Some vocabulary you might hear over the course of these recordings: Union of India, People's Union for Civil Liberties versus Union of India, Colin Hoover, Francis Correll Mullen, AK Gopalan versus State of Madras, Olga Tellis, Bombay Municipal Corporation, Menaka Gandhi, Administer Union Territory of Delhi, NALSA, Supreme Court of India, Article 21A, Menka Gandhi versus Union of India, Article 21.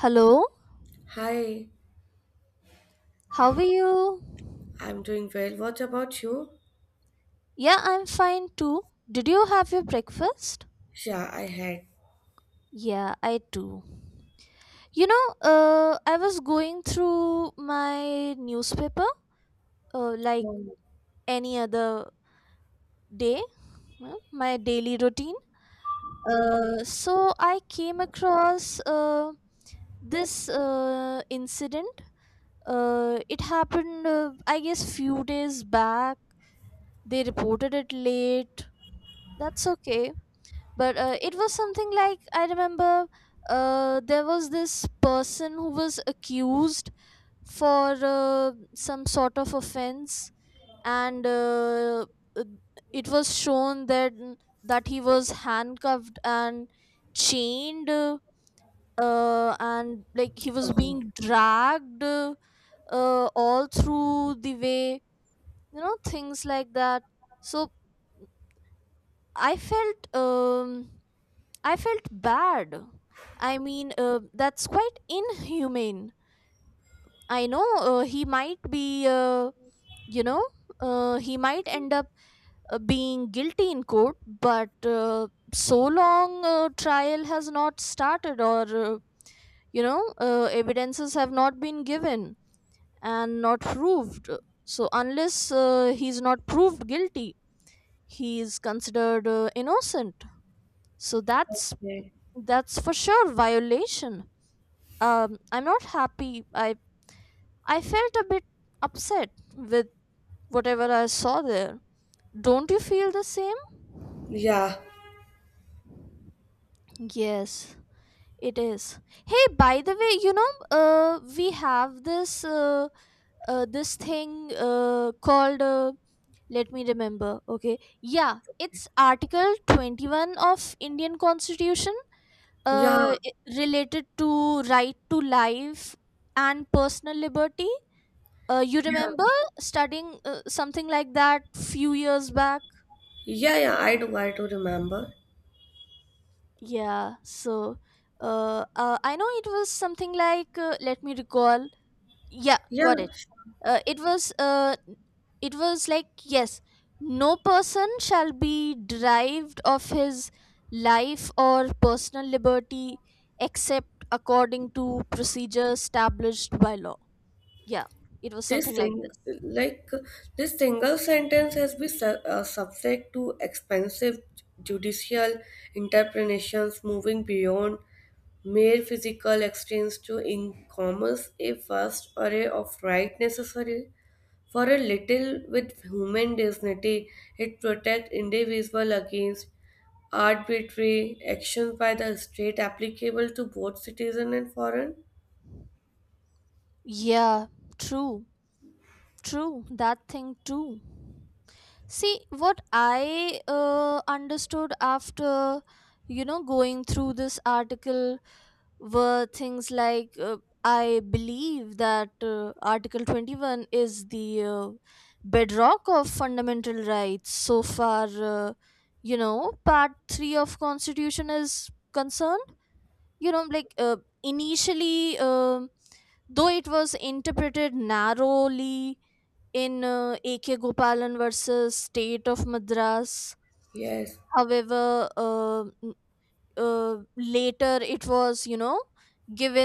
Hello, Hi, how are you? I'm doing well. What about you? Yeah, I'm fine too. Did you have your breakfast? Yeah, I had. Yeah, I do. I was going through my newspaper like any other day, my daily routine. So I came across this incident. It happened, I guess, few days back. They reported it late. That's okay, but it was something like I remember there was this person who was accused for some sort of offense, and uh, it was shown that he was handcuffed and chained, and like he was Oh, being dragged all through the way, things like that. So I felt I felt bad. I mean, that's quite inhumane. I know he might be, you know, he might end up being guilty in court, but so long trial has not started, or, evidences have not been given and not proved. So, unless he's not proved guilty, he is considered innocent. So, that's yeah, that's for sure violation. I'm not happy. I felt a bit upset with whatever I saw there. Don't you feel the same? yeah, Yes, it is. Hey, by the way, you know, we have this this thing called, let me remember, okay, yeah, it's Article 21 of Indian Constitution, yeah, related to right to life and personal liberty. You yeah, remember studying something like that few years back? yeah. I do remember. Yeah, so I know it was something like, let me recall. Yeah, Yeah, got it. Uh, it was uh, it was like, yes, no person shall be derived of his life or personal liberty except according to procedures established by law. Yeah, it was this something like thing, this. like this single sentence, has been subject to expensive judicial interpretations, moving beyond mere physical exchange to encompass a vast array of rights necessary for a little with human dignity. It protects individual against arbitrary actions by the state applicable to both citizen and foreign. Yeah, true. True, that thing too. See, what I understood after, going through this article were things like, I believe that Article 21 is the bedrock of fundamental rights so far, Part 3 of Constitution is concerned. You know, like initially, though it was interpreted narrowly in AK Gopalan versus State of Madras. Yes. However, later it was, you know,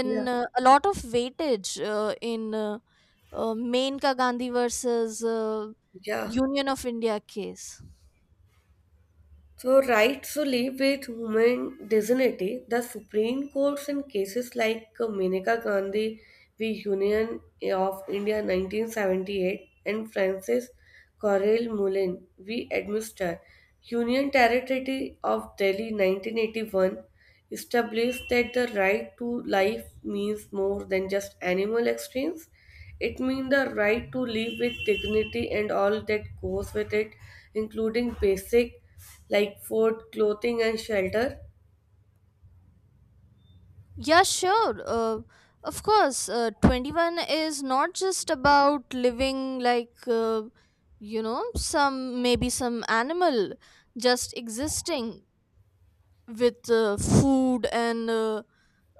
Yeah. A lot of weightage in Menka Gandhi versus Yeah. Union of India case. So, rights to live with human dignity, the Supreme Courts in cases like Menaka Gandhi v. Union of India 1978 and Francis Correll Mullen v. Administer Union Territory of Delhi 1981 established that the right to life means more than just animal extremes. It means the right to live with dignity and all that goes with it, including basic like food, clothing, and shelter. Yeah, sure. Of course, 21 is not just about living like, some, maybe some animal, just existing, with food and uh,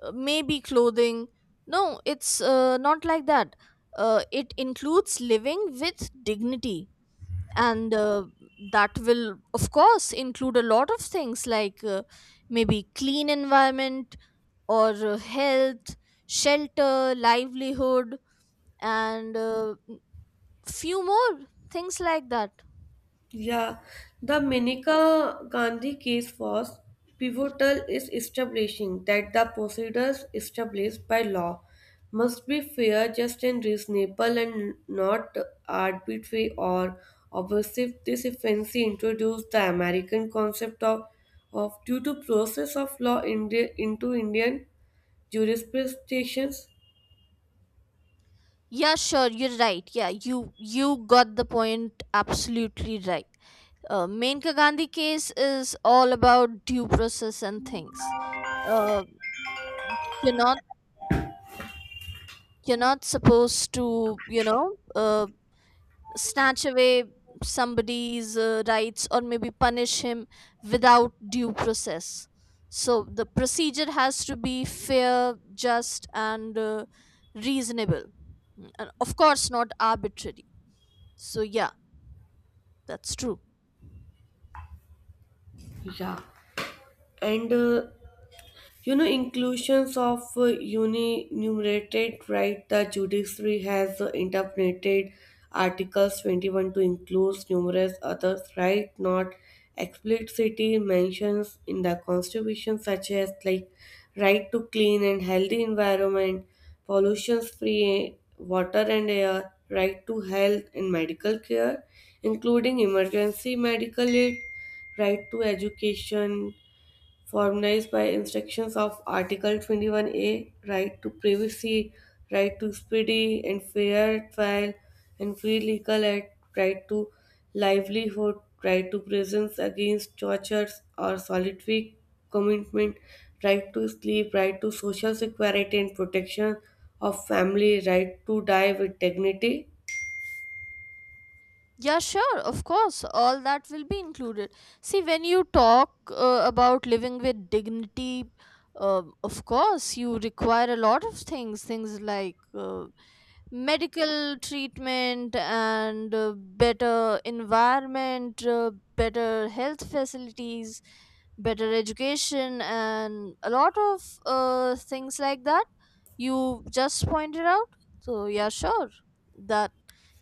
uh, maybe clothing. No, it's not like that. It includes living with dignity. And that will, of course, include a lot of things like maybe clean environment, or health, shelter, livelihood, and few more things like that. Yeah, the Manika Gandhi case was pivotal is establishing that the procedures established by law must be fair, just and reasonable and not arbitrary or obsessive. This offense introduced the American concept of due to process of law into Indian jurisdictions. Yeah, sure, you're right. Yeah, you got the point absolutely right. Menka Gandhi case is all about due process and things. Uh, you're not you're not supposed to, you know, snatch away somebody's rights, or maybe punish him without due process. So the procedure has to be fair, just, and reasonable, mm, and of course not arbitrary. So yeah, that's true. Yeah, and you know, inclusions of unenumerated right, the judiciary has interpreted Articles 21 to include numerous other right, not explicitly mentions in the Constitution, such as like right to clean and healthy environment, pollution-free water and air, right to health and medical care, including emergency medical aid, right to education, formalized by instructions of Article 21A, right to privacy, right to speedy and fair trial and free legal aid, right to livelihood, right to presence against tortures or solitary commitment, right to sleep, right to social security and protection of family, right to die with dignity. Yeah, sure, of course. All that will be included. See, when you talk about living with dignity, of course, you require a lot of things. Things like uh, medical treatment and better environment, better health facilities, better education, and a lot of things like that you just pointed out. So yeah, sure, that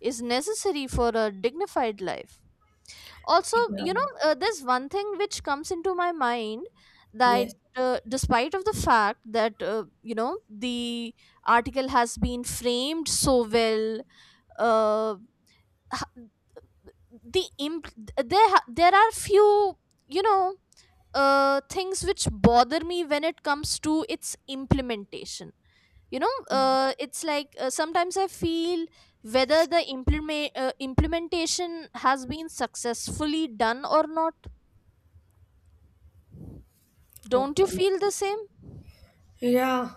is necessary for a dignified life. Also, Yeah. you know, there's one thing which comes into my mind, that Yes. Despite of the fact that, you know, the article has been framed so well, uh, h- there are few, you know, things which bother me when it comes to its implementation. You know, it's like, sometimes I feel whether the implementation has been successfully done or not. Don't you Okay. feel the same? Yeah,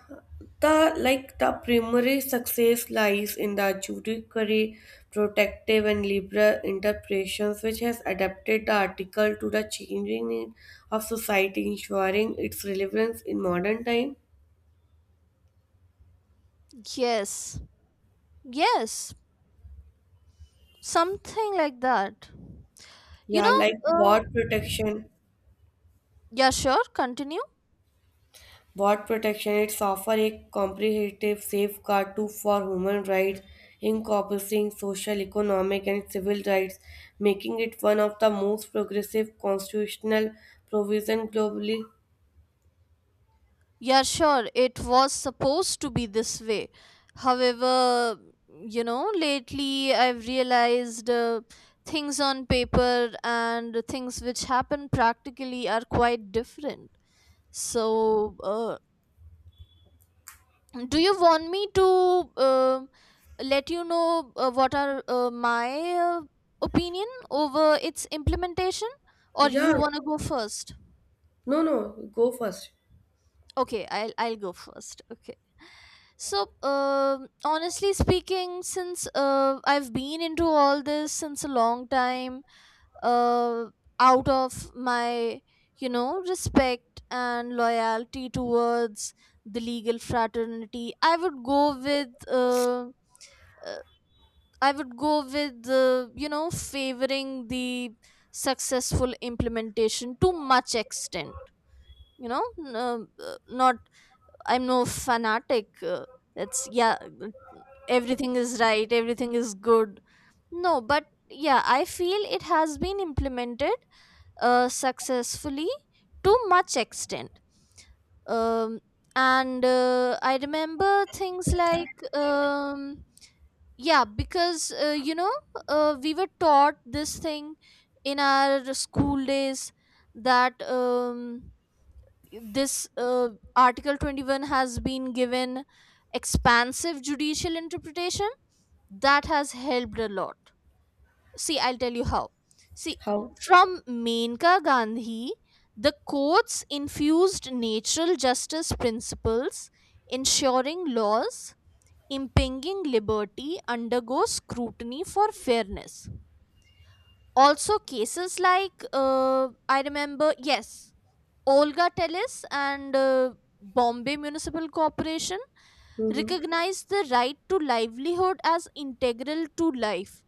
the like the primary success lies in the judiciary protective and liberal interpretations which has adapted the article to the changing need of society, ensuring its relevance in modern time. Yes, yes, something like that. You Yeah, know, like uh, war protection. yeah, sure, continue. What protection it's offer a comprehensive safeguard to for human rights, incorporating social, economic, and civil rights, making it one of the most progressive constitutional provisions globally. Yeah, sure, it was supposed to be this way. However, you know, lately I've realized things on paper and things which happen practically are quite different. So, do you want me to um let you know what are my uh, opinion over its implementation, or Yeah, you want to go first? No, go first. Okay, I'll go first. Okay, so honestly speaking, since I've been into all this since a long time, uh, out of my, you know, respect and loyalty towards the legal fraternity, I would go with, uh, I would go with, you know, favoring the successful implementation to much extent. You know, not, I'm no fanatic. That's, yeah, everything is right, everything is good. No, but yeah, I feel it has been implemented successfully to much extent. Um, and I remember things like. Um, yeah, because we were taught this thing in our school days that this Article 21 has been given expansive judicial interpretation that has helped a lot. See, I'll tell you how. See, How? from Menka Gandhi, the courts infused natural justice principles, ensuring laws impinging liberty undergoes scrutiny for fairness. Also, cases like, I remember, yes, Olga Tellis and Bombay Municipal Corporation Mm-hmm. recognized the right to livelihood as integral to life,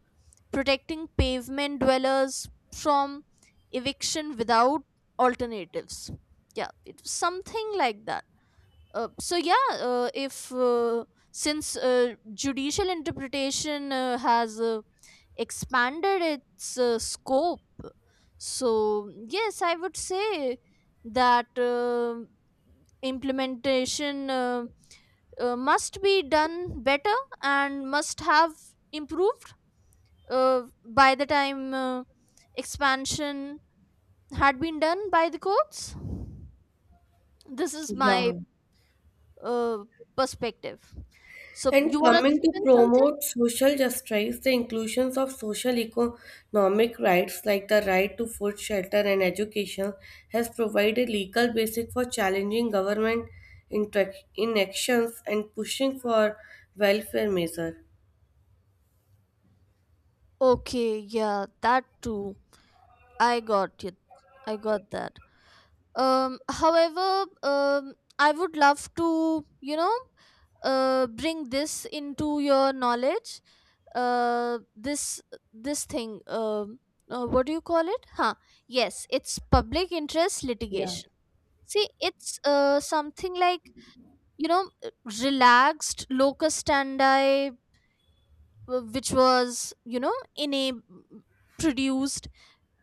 protecting pavement dwellers from eviction without alternatives. Yeah, it was something like that. So yeah, if Since judicial interpretation has expanded its scope, so yes, I would say that implementation must be done better and must have improved by the time expansion had been done by the courts. This is Yeah. my uh, perspective. So you And want to coming chip to in something? promote social justice, the inclusions of social economic rights like the right to food, shelter, and education has provided legal basis for challenging government inactions and pushing for welfare measures. Okay, yeah, that too. I got it. I got that. However, I would love to, you know, bring this into your knowledge. Uh, this this thing. What do you call it? Huh? Yes, it's public interest Yeah. litigation. See, it's something like, you know, relaxed locus standi, which was, you know, enab- produced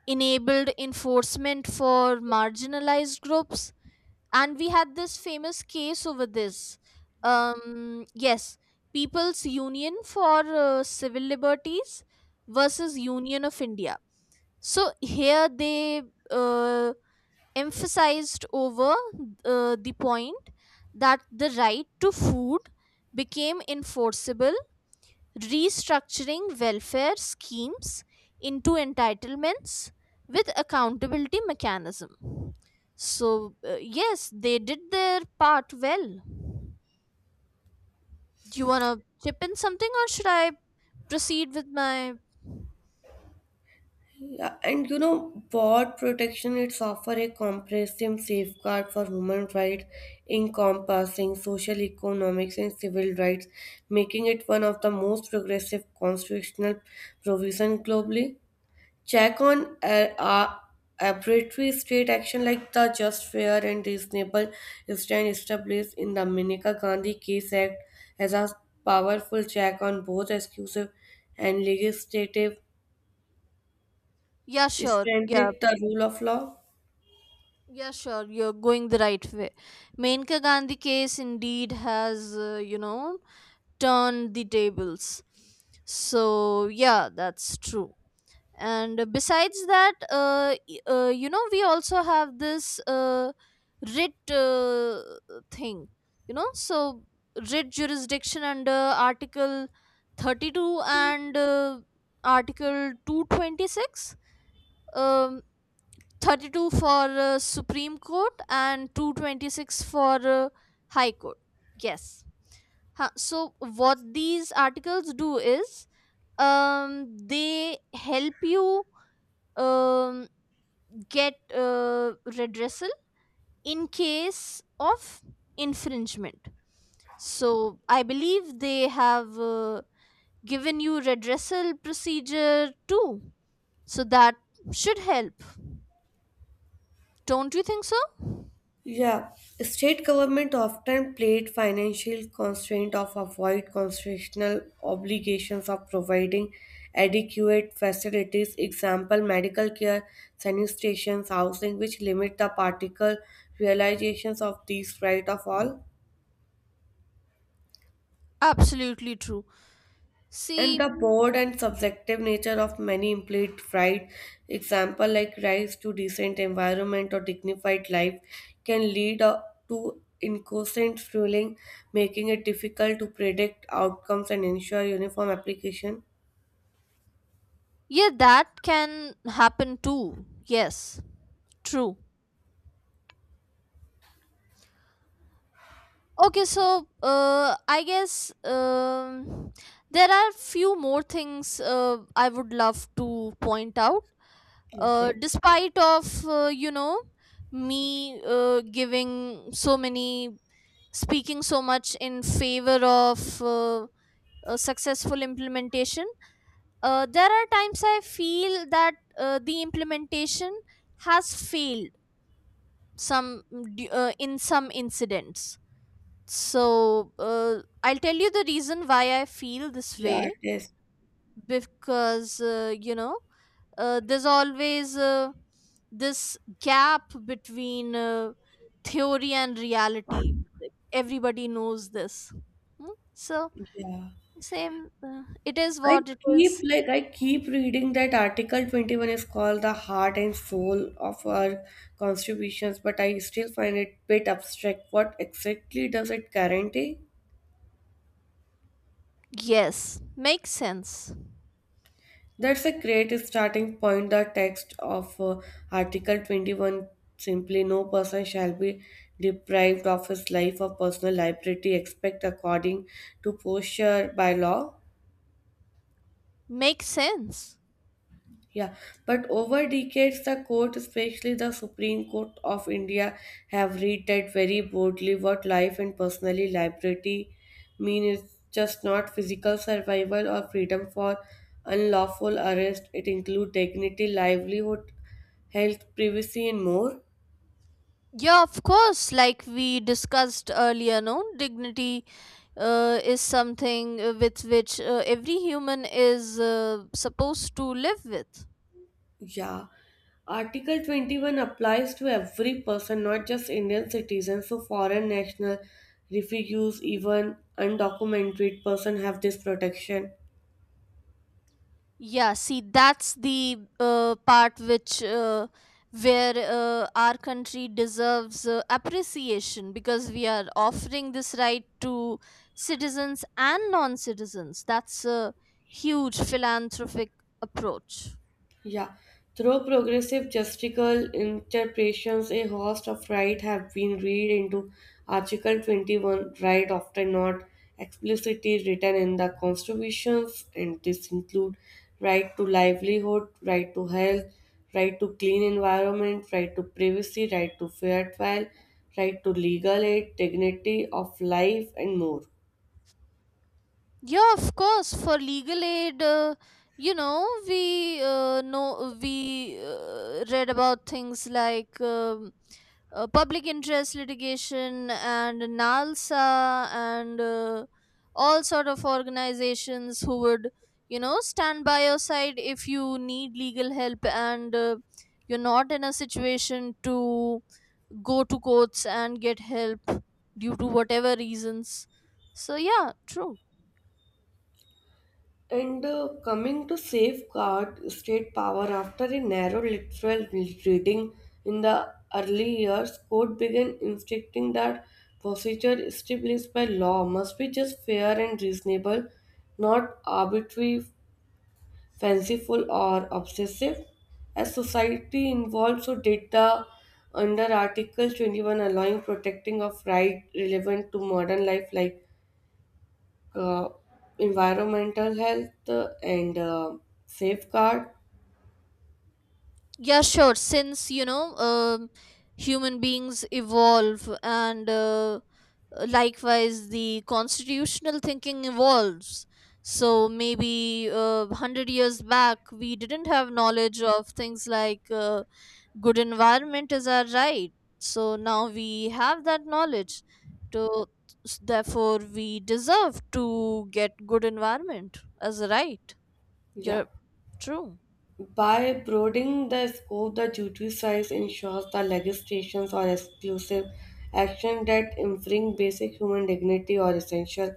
enabled enforcement for marginalized groups. And we had this famous case over this, yes, People's Union for Civil Liberties versus Union of India. So here they uh, emphasized over the point that the right to food became enforceable, restructuring welfare schemes into entitlements with accountability mechanism. So yes, they did their part well. Do you want to chip in something, or should I proceed with my... Yeah, and you know, what protection it's offer a comprehensive safeguard for human rights, encompassing social, economics, and civil rights, making it one of the most progressive constitutional provisions globally. Check on arbitrary state action like the Just Fair and Reasonable Stand established in the Manika Gandhi Case Act as a powerful check on both exclusive and legislative. Yeah, sure, yeah. Strengthen the rule of law. Yeah, sure, you're going the right way. Menka Gandhi case indeed has, you know, turned the tables. So yeah, that's true. And besides that, you know, we also have this writ thing, you know. So writ jurisdiction under Article 32 and Article 226, um, 32 for Supreme Court and 226 for High Court. Yes. Huh. So what these articles do is, they help you um get redressal in case of infringement. So I believe they have given you redressal procedure too. So that should help. Don't you think so? Yeah, state government often played financial constraint of avoid constitutional obligations of providing adequate facilities, example medical care, sanitation, housing, which limit the particle realizations of these right of all. Absolutely true. And See, the broad and subjective nature of many implied right, example like rights to decent environment or dignified life, can lead to inconsistent ruling, making it difficult to predict outcomes and ensure uniform application. yeah, that can happen too. Yes, true. Okay, so I guess there are few more things I would love to point out. Okay. Despite of, you know, me giving so many speaking so much in favor of a successful implementation, there are times I feel that the implementation has failed some, in some incidents. So, I'll tell you the reason why I feel this Yeah, way. it is. Because, you know, there's always this gap between theory and reality. Like, everybody knows this. Hmm? So, Yeah. same, it is what it is. I keep reading that Article 21 is called the heart and soul of our constitutions, but I still find it bit abstract. What exactly does it guarantee? Yes, makes sense. That's a great starting point. The text of Article 21 simply no person shall be deprived of his life or personal liberty except according to posture by law. Makes sense. Yeah, but over decades, the court, especially the Supreme Court of India, have read that very broadly what life and personally liberty mean. It's just not physical survival or freedom for unlawful arrest. It includes dignity, livelihood, health, privacy, and more. Yeah, of course. Like we discussed earlier, no, dignity is something with which every human is supposed to live with. Yeah. Article 21 applies to every person, not just Indian citizens. So, foreign national, refugees, even undocumented person have this protection. Yeah, see, that's the part which, where our country deserves appreciation, because we are offering this right to citizens and non-citizens. That's a huge philanthropic approach. Yeah, through progressive justical interpretations, a host of rights have been read into Article 21, right often not explicitly written in the constitutions, and this include right to livelihood, right to health, right to clean environment, right to privacy, right to fair trial, right to legal aid, dignity of life, and more. Yeah, of course. For legal aid, you know we read about things like public interest litigation and NALSA, and all sort of organizations who would, you know, stand by your side if you need legal help, and you're not in a situation to go to courts and get help due to whatever reasons. So yeah, true. And coming to safeguard state power after a narrow literal reading in the early years, court began insisting that procedure established by law must be just fair and reasonable, not arbitrary, fanciful, or obsessive. As society involved, so did the under Article 21 allowing protecting of right relevant to modern life like uh, environmental health and safeguard. Yeah, sure. Since, you know, human beings evolve, and likewise the constitutional thinking evolves. So maybe 100 years back, we didn't have knowledge of things like good environment is our right. So now we have that knowledge. To, Therefore, we deserve to get good environment as a right. Yeah. You're true. By broadening the scope, the duty size ensures the legislations or exclusive action that infringe basic human dignity or essential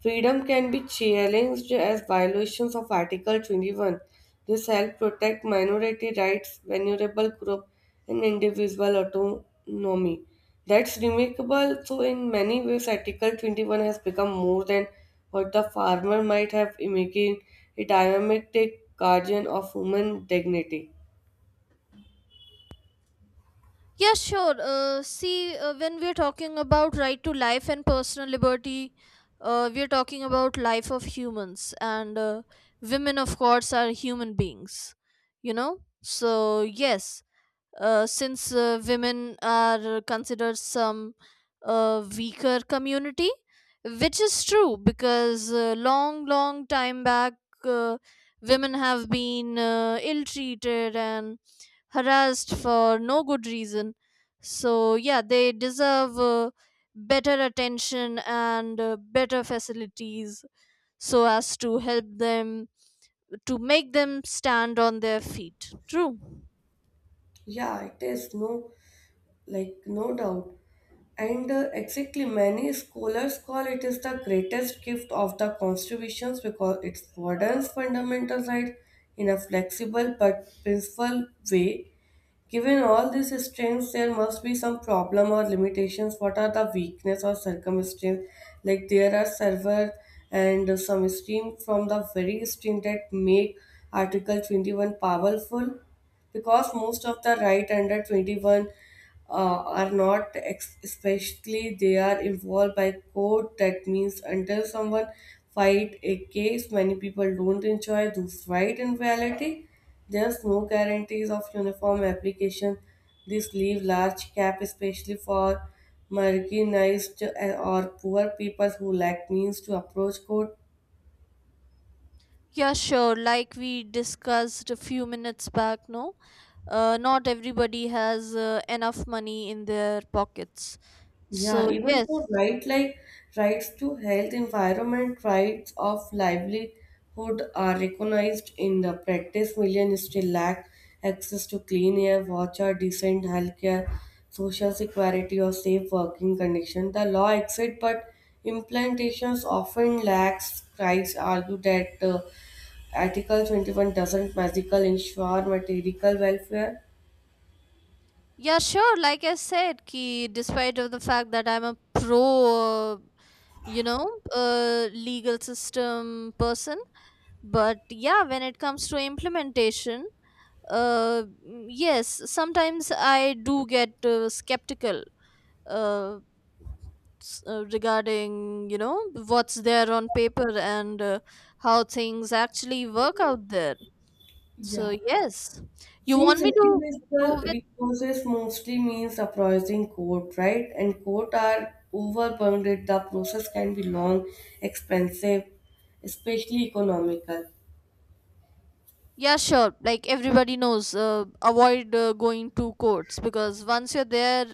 freedom can be challenged as violations of Article 21. This helps protect minority rights, vulnerable group, and individual autonomy. That's remarkable. So, in many ways, Article 21 has become more than what the farmer might have making a dynamic guardian of human dignity. Yeah, sure. When we're talking about right to life and personal liberty, we're talking about life of humans, and women, of course, are human beings. You know, so yes, since women are considered some weaker community, which is true, because long long time back, uh, women have been ill treated and harassed for no good reason. So yeah, they deserve better attention and better facilities, so as to help them, to make them stand on their feet. True. Yeah, it is no, like no doubt. And exactly, many scholars call it is the greatest gift of the constitutions because it broadens fundamental rights in a flexible but principled way. Given all these strengths, there must be some problem or limitations. What are the weakness or circumstance? Like there are server and some stream from the very stream that make Article 21 powerful because most of the right under 21 are not especially they are involved by court. That means until someone fight a case, many people don't enjoy those right in reality. There's no guarantees of uniform application. This leaves large gap, especially for or poor people who lack means to approach code. Yeah, sure. Like we discussed a few minutes back, no, not everybody has enough money in their pockets. Yeah, So even for yes, right like rights to health, environment, rights of livelihood are recognized in the practice. Millions still lack access to clean air, water, decent healthcare, social security, or safe working conditions. The law exists, but implementations often lacks. Critics argue that Article 21 doesn't magically ensure material welfare. yeah, sure. Like I said, ki despite of the fact that I'm a pro, you know, legal system person, but yeah, when it comes to implementation, uh, mm, yes, sometimes I do get skeptical, uh, regarding, you know, what's there on paper and how things actually work out there. So Yeah. yes, you want Since me to go individual with... resources mostly means uprising court, right? And court are overburdened, the process can be long, expensive, especially economical. Yeah, sure. Like everybody knows, avoid going to courts, because once you're there,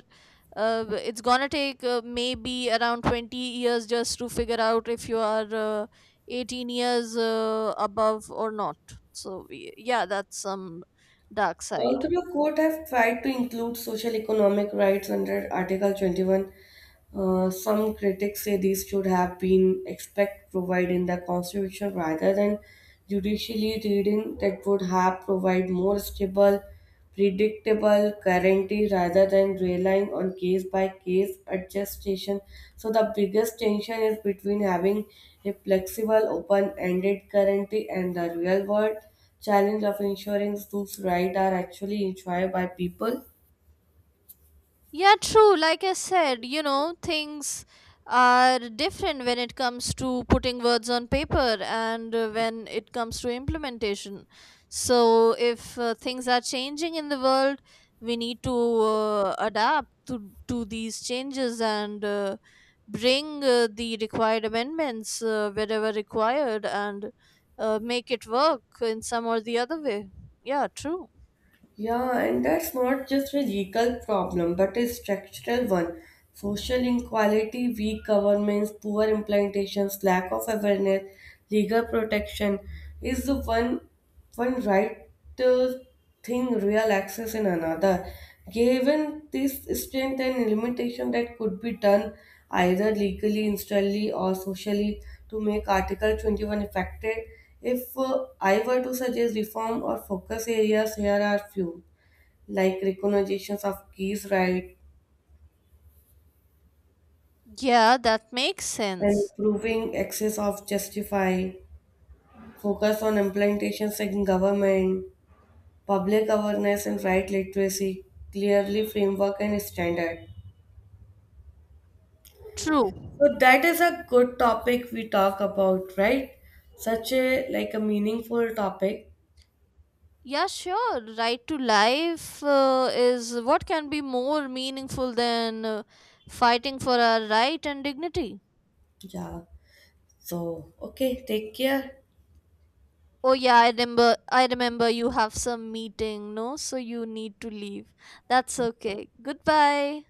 it's gonna take, maybe around 20 years just to figure out if you are 18 years above or not. Yeah, that's some dark side. Although court have tried to include social economic rights under Article 21, some critics say these should have been expect provided in the constitution rather than judicially reading that would have provide more stable predictable guarantee rather than relying on case by case adjustation. So the biggest tension is between having a flexible, open ended guarantee and the real world challenge of ensuring those rights are actually enjoyed by people. Yeah, true. Like I said, you know, things are different when it comes to putting words on paper and when it comes to implementation. So, if things are changing in the world, we need to to these changes, and bring the required amendments wherever required, and make it work in some or the other way. Yeah, true. Yeah, and that's not just a legal problem, but a structural one. Social inequality, weak governments, poor implementations, lack of awareness, legal protection is the one one right uh, thing real access in another. Given this strength and limitation that could be done either legally, instantly or socially to make Article 21 effective, if I were to suggest reform or focus areas, here are few, like recognitions of keys right, Yeah, that makes sense. improving access of justify, focus on implementations in government, public awareness and right literacy, clearly framework and standard. True. So that is a good topic we talk about, right? Such a like a meaningful topic. Yeah, sure. Right to life is what can be more meaningful than fighting for our right and dignity. Yeah. So okay, take care. Oh yeah, I remember. I remember you have some meeting, no? So you need to leave. That's okay. Goodbye.